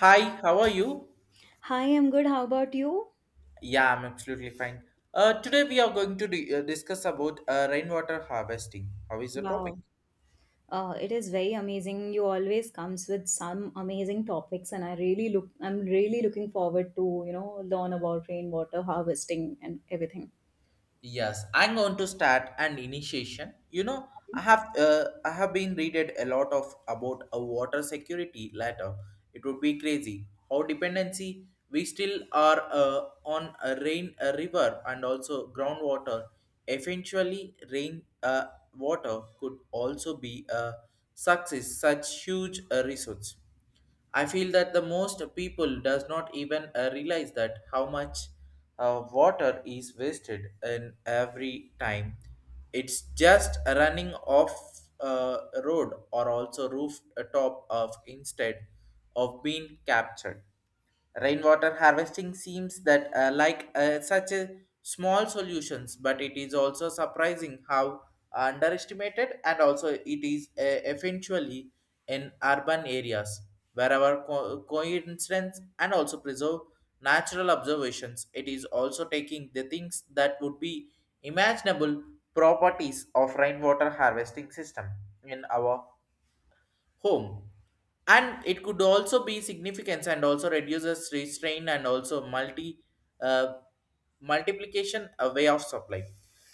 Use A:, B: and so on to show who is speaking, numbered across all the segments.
A: Hi, how are you?
B: Hi, I'm good. How about you?
A: Yeah, I'm absolutely fine. Today we are going to discuss about rainwater harvesting. How is the topic?
B: Wow. It is very amazing. You always comes with some amazing topics, and I'm really looking forward to learn about rainwater harvesting and everything.
A: Yes, I'm going to start an initiation. You know, I have I have been readed a lot of about a water security later. It would be crazy how dependency we still are on a rain, a river, and also groundwater. Eventually, rain water could also be a success. Such huge resource. I feel that the most people does not even realize that how much water is wasted in every time. It's just running off uh, road or also rooftop of instead of being captured. Rainwater harvesting seems that like such a small solutions, but it is also surprising how underestimated and also it is eventually in urban areas wherever coincidence and also preserve natural observations. It is also taking the things that would be imaginable properties of rainwater harvesting system in our home, and it could also be significance and also reduces restraint and also uh, multiplication a way of supply.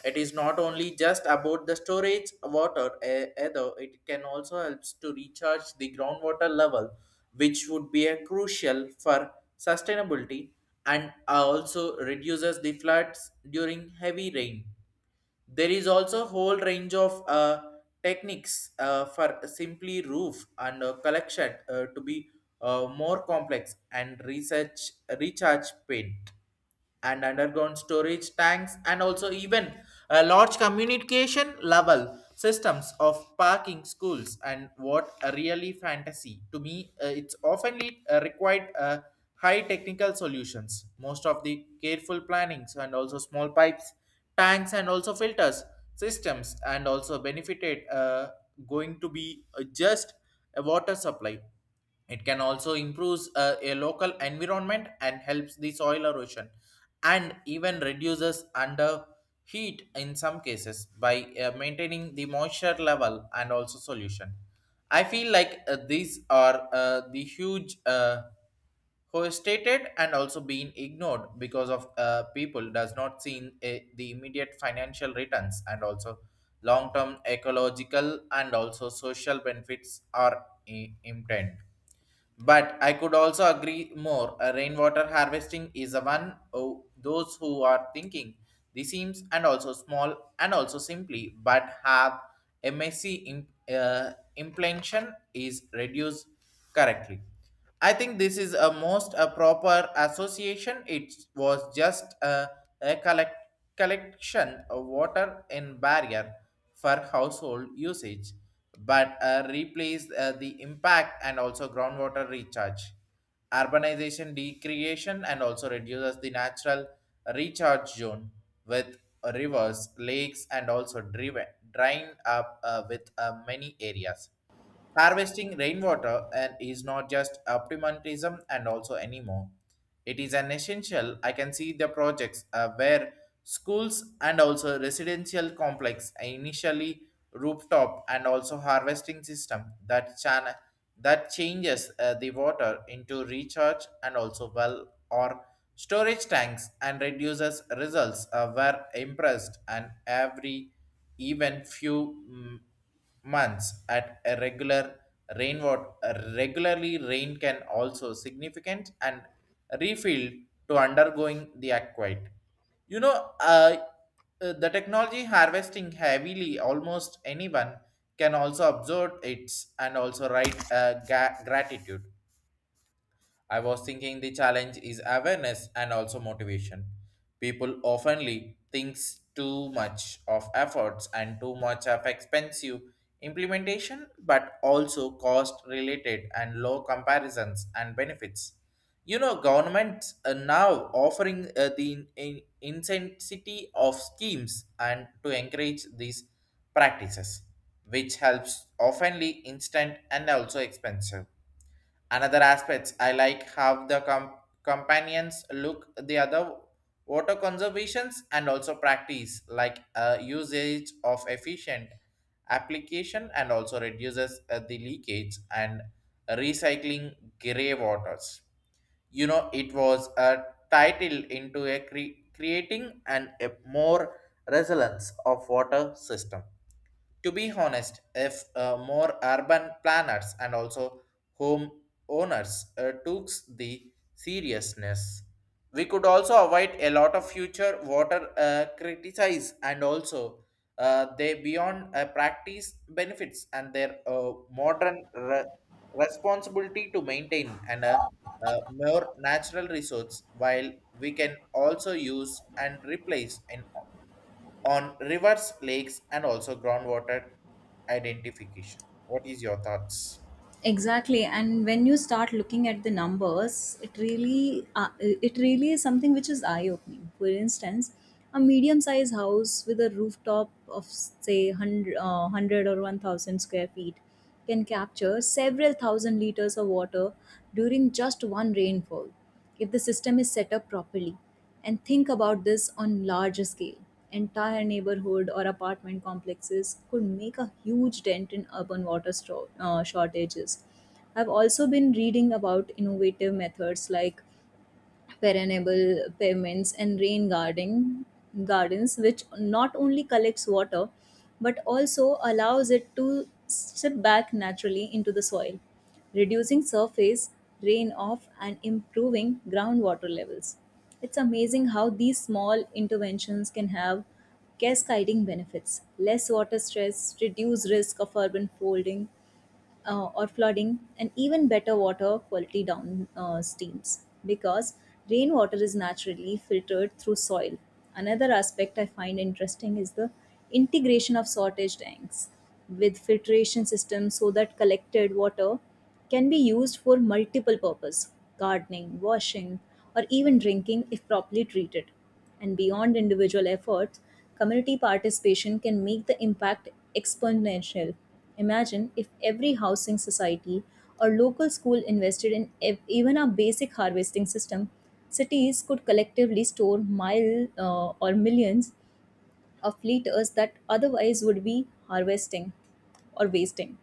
A: It is not only just about the storage water eh, either it can also helps to recharge the groundwater level, which would be a crucial for sustainability and also reduces the floods during heavy rain. There is also a whole range of techniques for simply roof and collection to be more complex and research recharge paint and underground storage tanks and also even large communication level systems of parking schools. And what a really fantasy to me, it's often required high technical solutions, most of the careful plannings and also small pipes, tanks, and also filters systems, and also benefited going to be just a water supply. It can also improves a local environment and helps the soil erosion and even reduces under heat in some cases by maintaining the moisture level and also solution. I feel like these are the huge who is stated and also being ignored because of people does not see the immediate financial returns and also long-term ecological and also social benefits are intent. But I could also agree more. Rainwater harvesting is a one oh, those who are thinking the seams and also small and also simply but have MSC implantation is reduced correctly. I think this is a most a proper association. It was just a collection of water in barrier for household usage, but replaced the impact and also groundwater recharge. Urbanization decreation and also reduces the natural recharge zone with rivers, lakes, and also drying up with many areas. Harvesting rainwater and is not just optimism and also anymore. It is an essential. I can see the projects where schools and also residential complex initially rooftop and also harvesting system that channel that changes the water into recharge and also well or storage tanks and reduces results were impressed. And every even few months at a regular rainwater regularly rain can also significant and refill to undergoing the aquite. You know the technology harvesting heavily almost anyone can also observe it and also write gratitude. I was thinking the challenge is awareness and also motivation. People oftenly thinks too much of efforts and too much of expensive implementation, but also cost related and low comparisons and benefits. You know, governments are now offering the intensity of schemes and to encourage these practices, which helps oftenly instant and also expensive. Another aspects I like how the companions look the other water conservations and also practice like usage of efficient application and also reduces the leakage and recycling grey waters. You know it was a title into a creating and a more resilience of water system. To be honest, if more urban planners and also home owners took the seriousness, we could also avoid a lot of future water criticize and also they beyond practice benefits and their modern responsibility to maintain and more natural resource while we can also use and replace in on rivers, lakes, and also groundwater identification. What is your thoughts?
B: Exactly, and when you start looking at the numbers, it really is something which is eye opening. For instance, a medium sized house with a rooftop of say 100 or 1000 square feet can capture several thousand liters of water during just one rainfall if the system is set up properly. And think about this on larger scale: entire neighborhood or apartment complexes could make a huge dent in urban shortages. I've also been reading about innovative methods like perennial pavements and rain garden gardens, which not only collects water but also allows it to slip back naturally into the soil, reducing surface rain off and improving groundwater levels. It's amazing how these small interventions can have cascading benefits: less water stress, reduced risk of urban folding or flooding, and even better water quality down streams because rainwater is naturally filtered through soil. Another aspect I find interesting is the integration of sortage tanks with filtration systems so that collected water can be used for multiple purpose: gardening, washing, or even drinking if properly treated. And beyond individual efforts, community participation can make the impact exponential. Imagine if every housing society or local school invested in even a basic harvesting system, cities could collectively store mile or millions of liters that otherwise would be harvesting or wasting.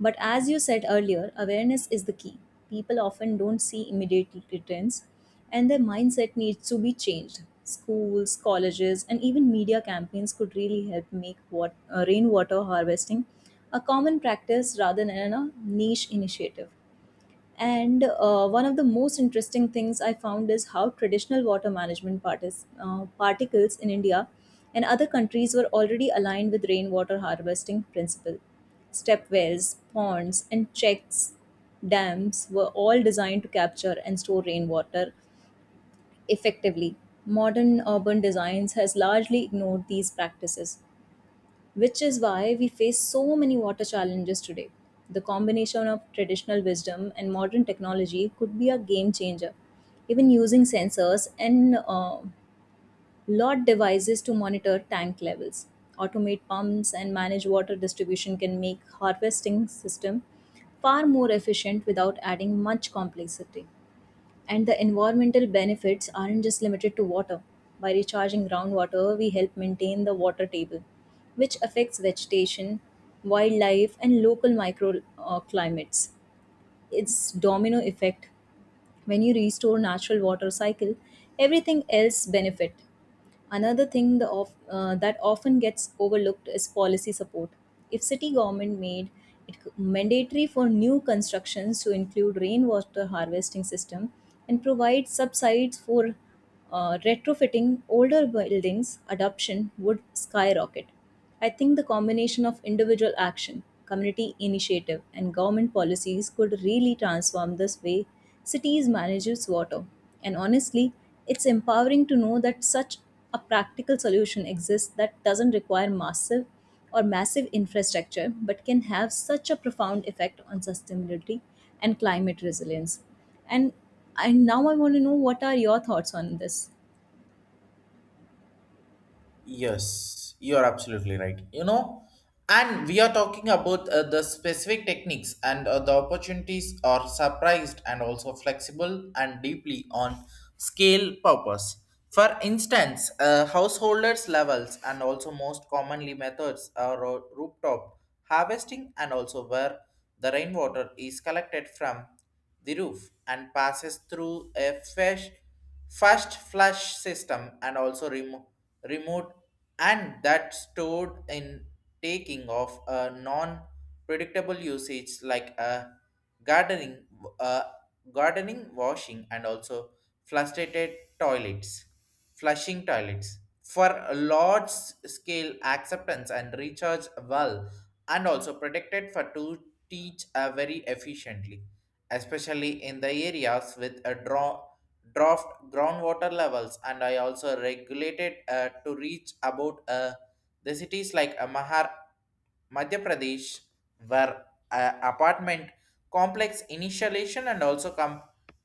B: But as you said earlier, awareness is the key. People often don't see immediate returns, and their mindset needs to be changed. Schools, colleges, and even media campaigns could really help make rainwater harvesting a common practice rather than a niche initiative. And one of the most interesting things I found is how traditional water management particles in India and other countries were already aligned with rainwater harvesting principle. Step wells, ponds, and checks dams were all designed to capture and store rainwater effectively. Modern urban designs has largely ignored these practices, which is why we face so many water challenges today. The combination of traditional wisdom and modern technology could be a game changer. Even using sensors and lot devices to monitor tank levels, automate pumps, and manage water distribution can make harvesting system far more efficient without adding much complexity. And the environmental benefits aren't just limited to water. By recharging groundwater, we help maintain the water table, which affects vegetation, wildlife, and local microclimates. It's domino effect: when you restore natural water cycle, everything else benefit. Another thing that often gets overlooked is policy support. If city government made it mandatory for new constructions to include rainwater harvesting system and provide subsides for retrofitting older buildings, adoption would skyrocket. I think the combination of individual action, community initiative, and government policies could really transform this way cities manage its water. And honestly, it's empowering to know that such a practical solution exists that doesn't require massive infrastructure but can have such a profound effect on sustainability and climate resilience. And I now I want to know, what are your thoughts on this?
A: Yes, you're absolutely right. You know, and we are talking about the specific techniques, and the opportunities are surprised and also flexible and deeply on scale purpose. For instance, householders levels and also most commonly methods are rooftop harvesting and also where the rainwater is collected from the roof and passes through a fish first flush system and also remote and that stored in taking of a non predictable usage like a gardening uh, gardening washing and also flustered toilets flushing toilets for a large scale acceptance and recharge well and also protected for to teach very efficiently, especially in the areas with a draw draft groundwater levels. And I also regulated to reach about the cities like Mahar, Madhya Pradesh, were apartment complex initiation and also com-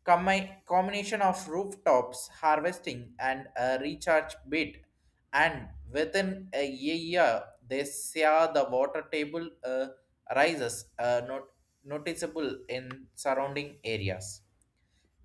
A: combi- combination of rooftops harvesting and a recharge bit. And within a year, they saw the water table rises not noticeable in surrounding areas.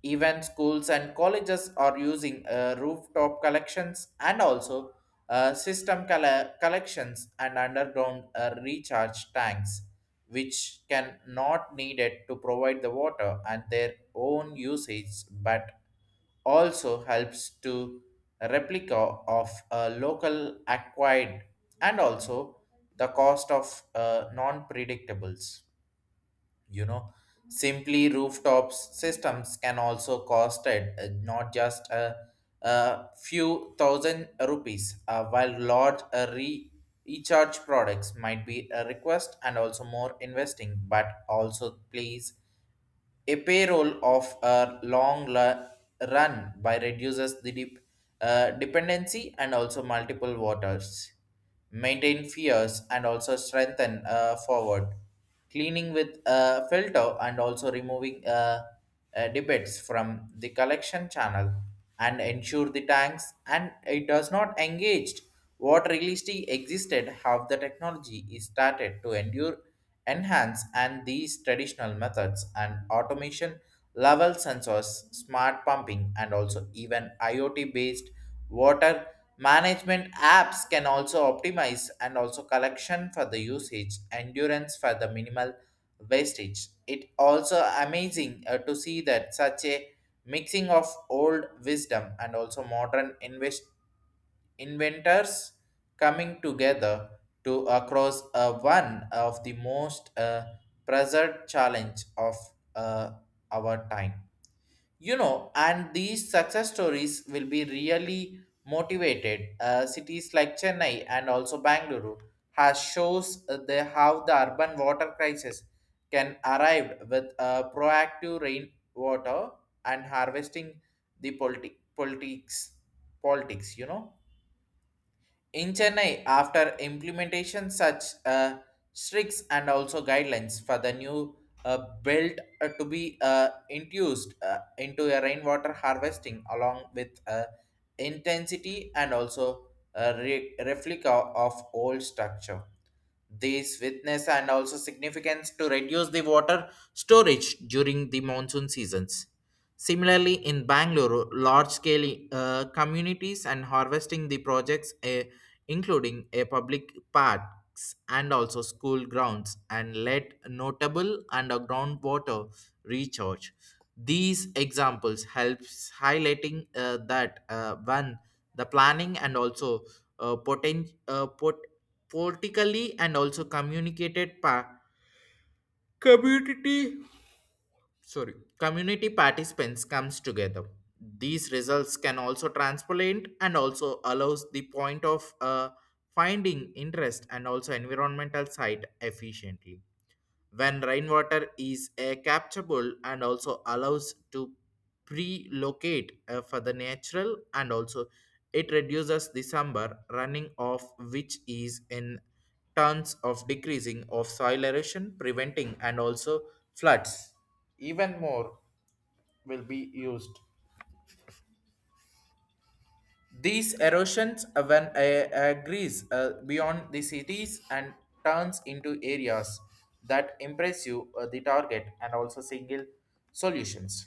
A: Even schools and colleges are using rooftop collections and also system collections and underground recharge tanks, which can not needed to provide the water and their own usage, but also helps to replica of a local acquired and also the cost of non-predictables. You know simply rooftops systems can also cost it, not just a few thousand rupees while large recharge products might be a request and also more investing but also please a payroll of a long run by reduces the dependency and also multiple waters, maintain fears and also strengthen forward, cleaning with filter and also removing debates from the collection channel and ensure the tanks and it does not engage what realistically existed how the technology is started to endure enhance and these traditional methods and automation level sensors smart pumping and also even IoT based water management apps can also optimize and also collection for the usage, endurance for the minimal wastage. It also amazing to see that such a mixing of old wisdom and also modern inventors coming together to across one of the most present challenge of uh, our time. You know and these success stories will be really motivated cities like Chennai and also Bangalore has shows the how the urban water crisis can arrive with proactive rainwater and harvesting the politics. You know, in Chennai, after implementation such strict and also guidelines for the new belt to be introduced into a rainwater harvesting along with intensity and also a replica of old structure. These witness and also significance to reduce the water storage during the monsoon seasons. Similarly, in Bangalore, large scale communities and harvesting the projects including a public parks and also school grounds and let notable underground water recharge. These examples helps highlighting that one the planning and also uh, poten- uh, pot- politically and also community sorry community participants comes together. These results can also transplant and also allows the point of finding interest and also environmental site efficiently when rainwater is capturable and also allows to pre-locate for the natural and also it reduces the summer running off which is in terms of decreasing of soil erosion preventing and also floods even more will be used. These erosions when agrees beyond the cities and turns into areas that impress you the target and also single solutions.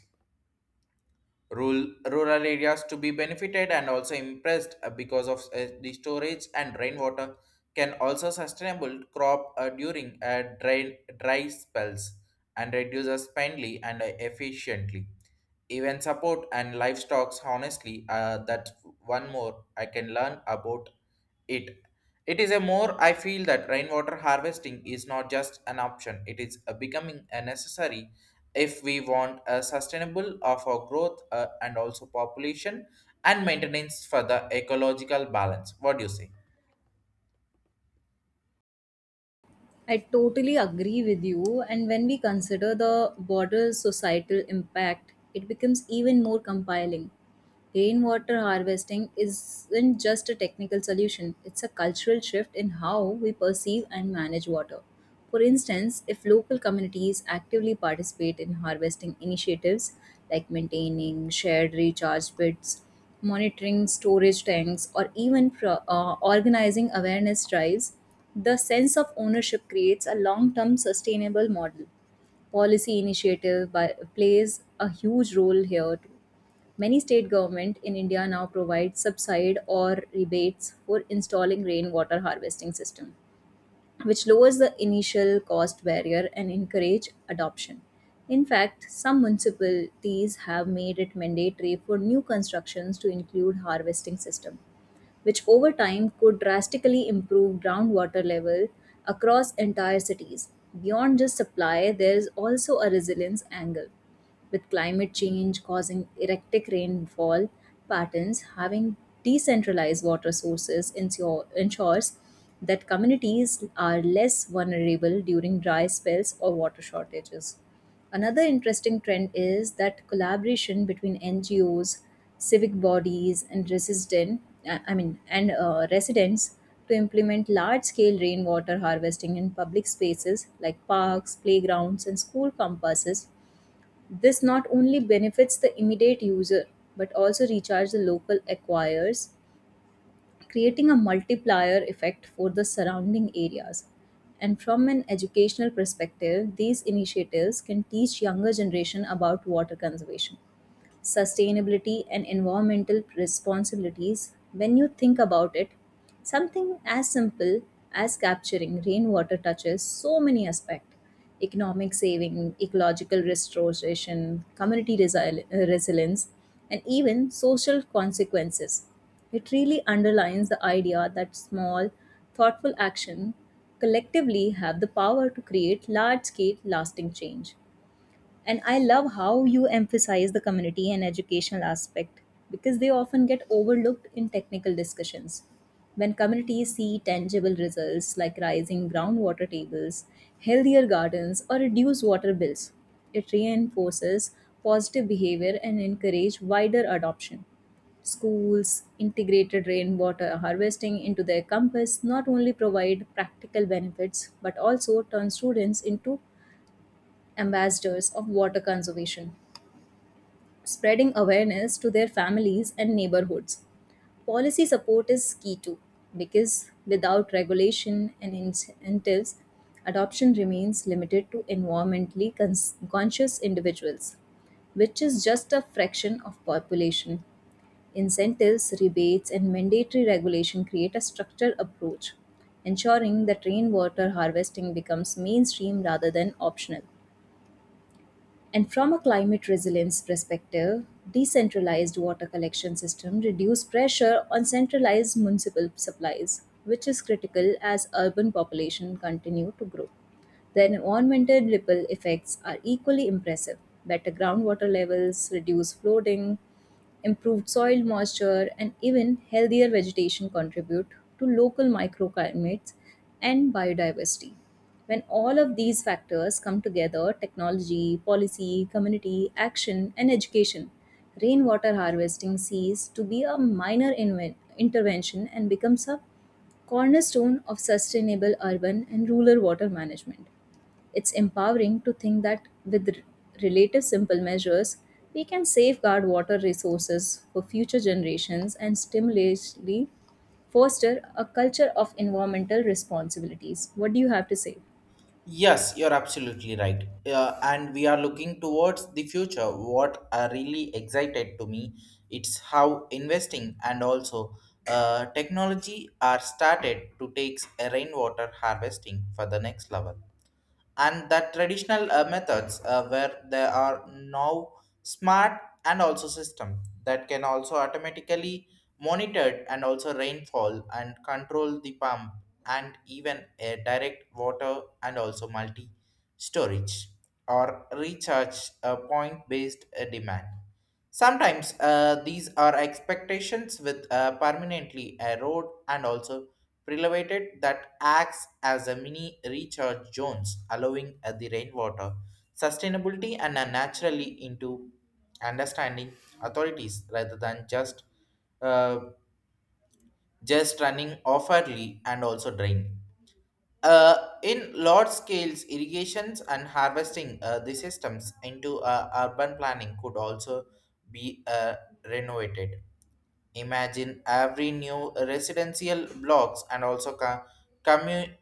A: Rural areas to be benefited and also impressed because of the storage and rainwater can also sustainable crop during dry spells and reduces spendly and efficiently even support and livestock honestly that one more I can learn about it. It is a more I feel that rainwater harvesting is not just an option, it is a becoming a necessary if we want a sustainable of our growth and also population and maintenance for the ecological balance. What do you say?
B: I totally agree with you. And when we consider the broader societal impact, it becomes even more compelling. Rainwater harvesting isn't just a technical solution, it's a cultural shift in how we perceive and manage water. For instance, if local communities actively participate in harvesting initiatives like maintaining shared recharge pits, monitoring storage tanks, or even organizing awareness drives, the sense of ownership creates a long term sustainable model. Policy initiative plays a huge role here too. Many state government in India now provide subside or rebates for installing rainwater harvesting system, which lowers the initial cost barrier and encourage adoption. In fact, some municipalities have made it mandatory for new constructions to include harvesting system, which over time could drastically improve groundwater level across entire cities. Beyond just supply, there is also a resilience angle. With climate change causing erratic rainfall patterns, having decentralized water sources ensures that communities are less vulnerable during dry spells or water shortages. Another interesting trend is that collaboration between NGOs, civic bodies, and residents to implement large-scale rainwater harvesting in public spaces like parks, playgrounds, and school campuses. This not only benefits the immediate user but also recharges the local aquifers, creating a multiplier effect for the surrounding areas. And from an educational perspective, these initiatives can teach younger generation about water conservation, sustainability, and environmental responsibilities. When you think about it, something as simple as capturing rainwater touches so many aspects: economic saving, ecological restoration, community resilience, and even social consequences. It really underlines the idea that small, thoughtful action collectively have the power to create large scale lasting change. And I love how you emphasize the community and educational aspect because they often get overlooked in technical discussions. When communities see tangible results like rising groundwater tables, healthier gardens, or reduced water bills, it reinforces positive behavior and encourages wider adoption. Schools integrated rainwater harvesting into their campus not only provide practical benefits but also turn students into ambassadors of water conservation, spreading awareness to their families and neighborhoods. Policy support is key too, because without regulation and incentives, adoption remains limited to environmentally conscious individuals, which is just a fraction of population. Incentives, rebates, and mandatory regulation create a structured approach, ensuring that rainwater harvesting becomes mainstream rather than optional. And from a climate resilience perspective, decentralized water collection system reduce pressure on centralized municipal supplies, which is critical as urban population continue to grow. The environmental ripple effects are equally impressive. Better groundwater levels, reduced flooding, improved soil moisture, and even healthier vegetation contribute to local microclimates and biodiversity. When all of these factors come together technology, policy, community, action, and education rainwater harvesting ceases to be a minor intervention and becomes a cornerstone of sustainable urban and rural water management. It's empowering to think that with relative simple measures, we can safeguard water resources for future generations and stimulate foster a culture of environmental responsibilities. What do you have to say?
A: Yes, you're absolutely right, and we are looking towards the future what are really excited to me. It's how investing and also technology are started to take a rainwater harvesting for the next level, and the traditional methods where there are now smart and also system that can also automatically monitored and also rainfall and control the pump and even a direct water and also multi storage or recharge point based demand. Sometimes these are expectations with permanently erode and also prelevated that acts as a mini recharge zones, allowing the rainwater sustainability and naturally into understanding authorities rather than uh, just running offerly and also draining. In large scales irrigations and harvesting the systems into urban planning could also be renovated. Imagine every new residential blocks and also commu-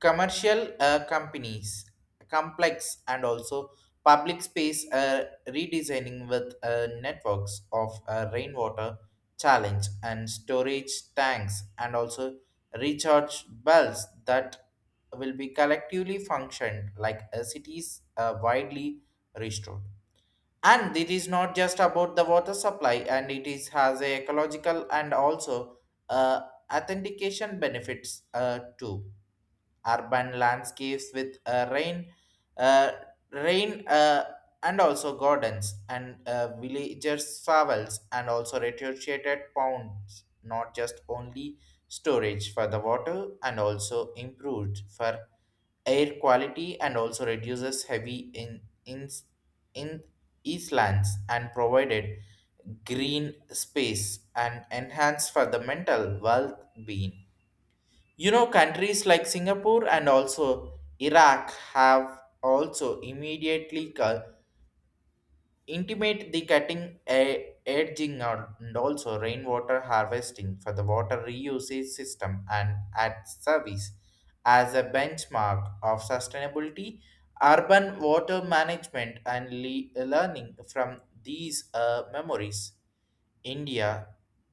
A: commercial companies complex and also public space redesigning with networks of rainwater challenge and storage tanks and also recharge bells that will be collectively functioned like a cities widely restored. And it is not just about the water supply, and it is has a ecological and also uh, authentication benefits too. Urban landscapes with uh, rain, uh, and also gardens and villagers' travels and also retrofitted ponds, not just only storage for the water and also improved for air quality and also reduces heavy in islands and provided green space and enhance for the mental well-being. You know, countries like Singapore and also Iraq have also immediately intimate the cutting edging out and also rainwater harvesting for the water reusage system and at service as a benchmark of sustainability, urban water management and learning from these memories. India,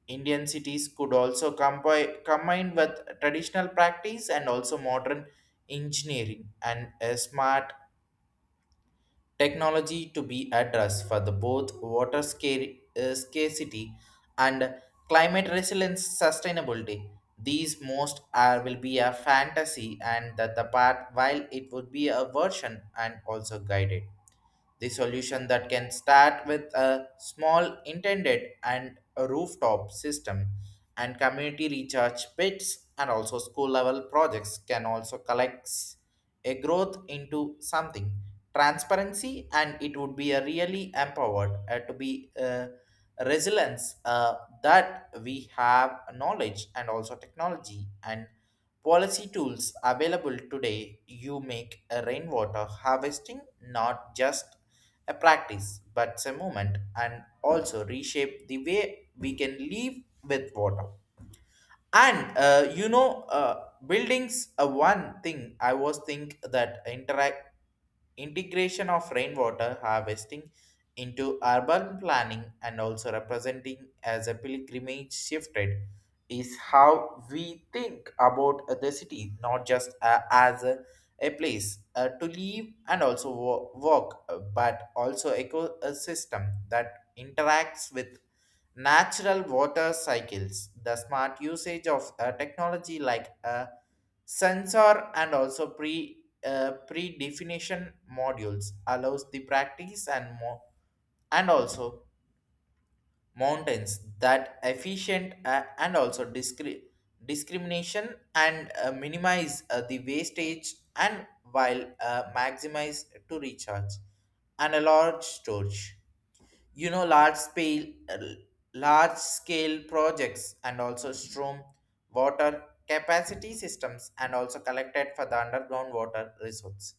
A: Indian cities could also combine with traditional practice and also modern engineering and a smart technology to be addressed for the both water scarcity and climate resilience sustainability. These most are will be a fantasy and that the part while it would be a version and also guided. The solution that can start with a small intended and a rooftop system and community recharge pits and also school level projects can also collect a growth into something transparency, and it would be a really empowered to be resilience that we have knowledge and also technology and policy tools available today you make a rainwater harvesting not just a practice, but it's a moment, and also reshape the way we can live with water. And buildings, one thing I was think that interact integration of rainwater harvesting into urban planning and also representing as a pilgrimage shifted is how we think about the city, not just a place to live and also work, but also ecosystem that interacts with natural water cycles. The smart usage of technology like a sensor and also pre-definition modules allows the practice and more and also mountains that efficient and also discrimination and minimize the wastage and while maximize to recharge and a large storage. You know, large scale projects and also storm water capacity systems and also collected for the underground water resource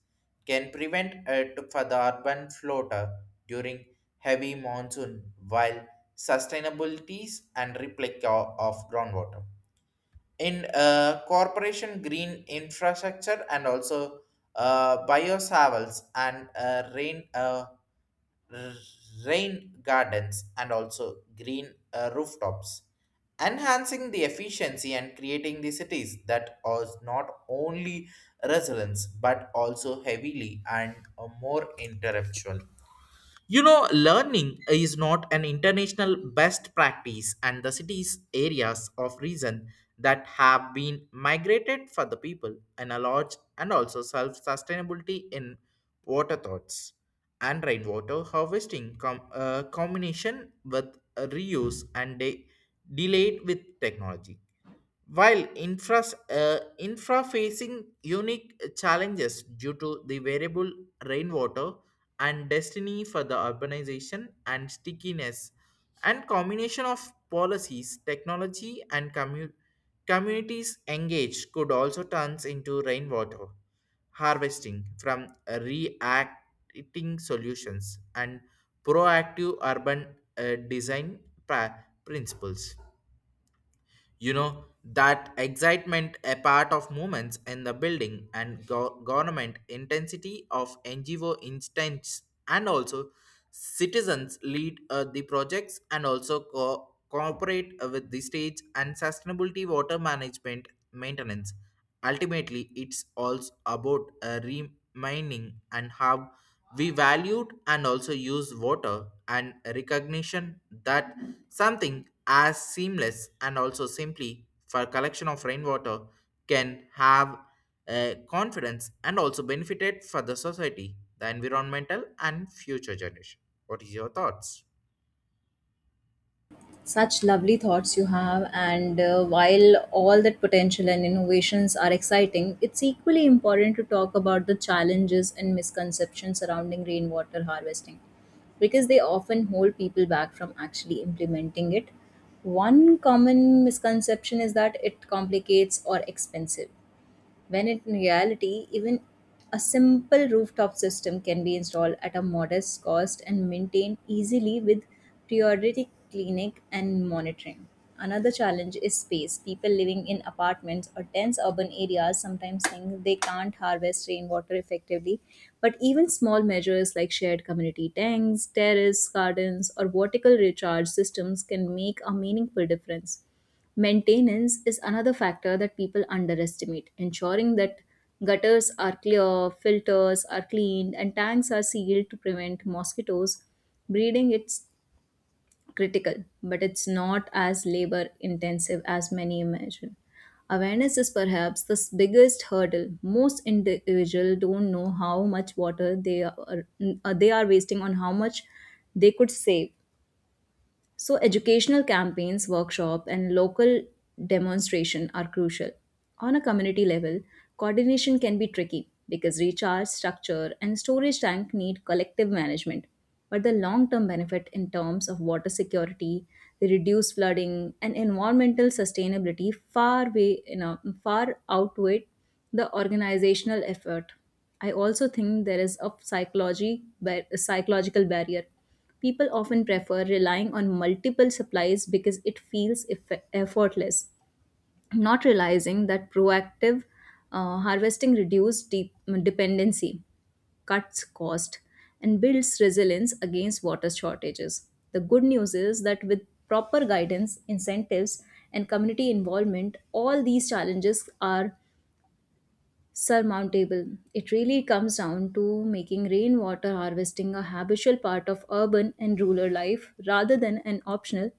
A: can prevent it for the urban floater during heavy monsoon while sustainabilities and replica of groundwater in corporation green infrastructure and also biosavels and r- rain gardens and also green rooftops, enhancing the efficiency and creating the cities that are not only resilience but also heavily and more intellectual. You know, learning is not an international best practice, and the cities areas of reason that have been migrated for the people and a large and also self sustainability in water thoughts and rainwater harvesting combination with reuse and delayed with technology while infra facing unique challenges due to the variable rainwater and destiny for the urbanization and stickiness, and combination of policies, technology and communities engaged could also turns into rainwater harvesting from reacting solutions and proactive urban design principles. You know, that excitement a part of movements in the building and government intensity of NGO instance and also citizens lead the projects and also cooperate with the stage and sustainability water management maintenance. Ultimately it's also about remaining and how we valued and also used water and recognition that something as seamless and also simply for collection of rainwater can have a confidence and also benefited for the society, the environmental and future generation. What is your thoughts?
B: Such lovely thoughts you have, and while all that potential and innovations are exciting, it's equally important to talk about the challenges and misconceptions surrounding rainwater harvesting because they often hold people back from actually implementing it. One common misconception is that it complicates or expensive, when in reality, even a simple rooftop system can be installed at a modest cost and maintained easily with periodic cleaning and monitoring. Another challenge is space. People living in apartments or dense urban areas sometimes think they can't harvest rainwater effectively, but even small measures like shared community tanks, terrace gardens, or vertical recharge systems can make a meaningful difference. Maintenance is another factor that people underestimate. Ensuring that gutters are clear, filters are cleaned, and tanks are sealed to prevent mosquitoes breeding is critical, but it's not as labor intensive as many imagine. Awareness is perhaps the biggest hurdle. Most individuals don't know how much water they are wasting on how much they could save. So, educational campaigns, workshop, and local demonstration are crucial. On a community level, coordination can be tricky because recharge, structure, and storage tank need collective management. But the long term benefit in terms of water security, the reduced flooding, and environmental sustainability far, way, you know, far outweigh the organizational effort. I also think there is a psychological barrier. People often prefer relying on multiple supplies because it feels effortless, not realizing that proactive harvesting reduces dependency, cuts cost, and builds resilience against water shortages. The good news is that with proper guidance, incentives, and community involvement, all these challenges are surmountable. It really comes down to making rainwater harvesting a habitual part of urban and rural life rather than an optional,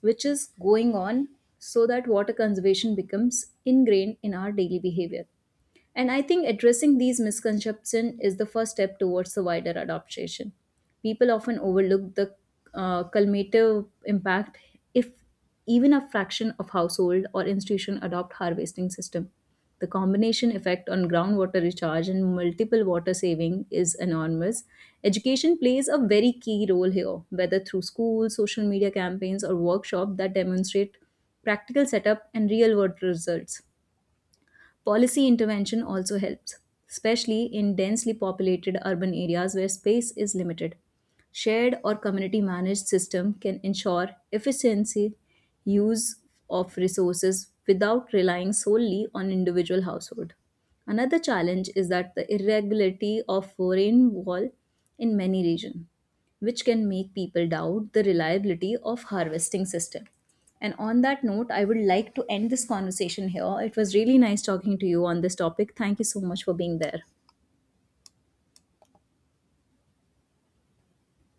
B: which is going on, so that water conservation becomes ingrained in our daily behavior. And I think addressing these misconceptions is the first step towards the wider adaptation. People often overlook the cumulative impact if even a fraction of household or institution adopt harvesting system. The combination effect on groundwater recharge and multiple water saving is enormous. Education plays a very key role here, whether through schools, social media campaigns, or workshops that demonstrate practical setup and real world results. Policy intervention also helps, especially in densely populated urban areas where space is limited. Shared or community managed system can ensure efficiency use of resources without relying solely on individual household. Another challenge is that the irregularity of rainfall in many regions, which can make people doubt the reliability of harvesting system. And on that note, I would like to end this conversation here. It was really nice talking to you on this topic. Thank you so much for being there.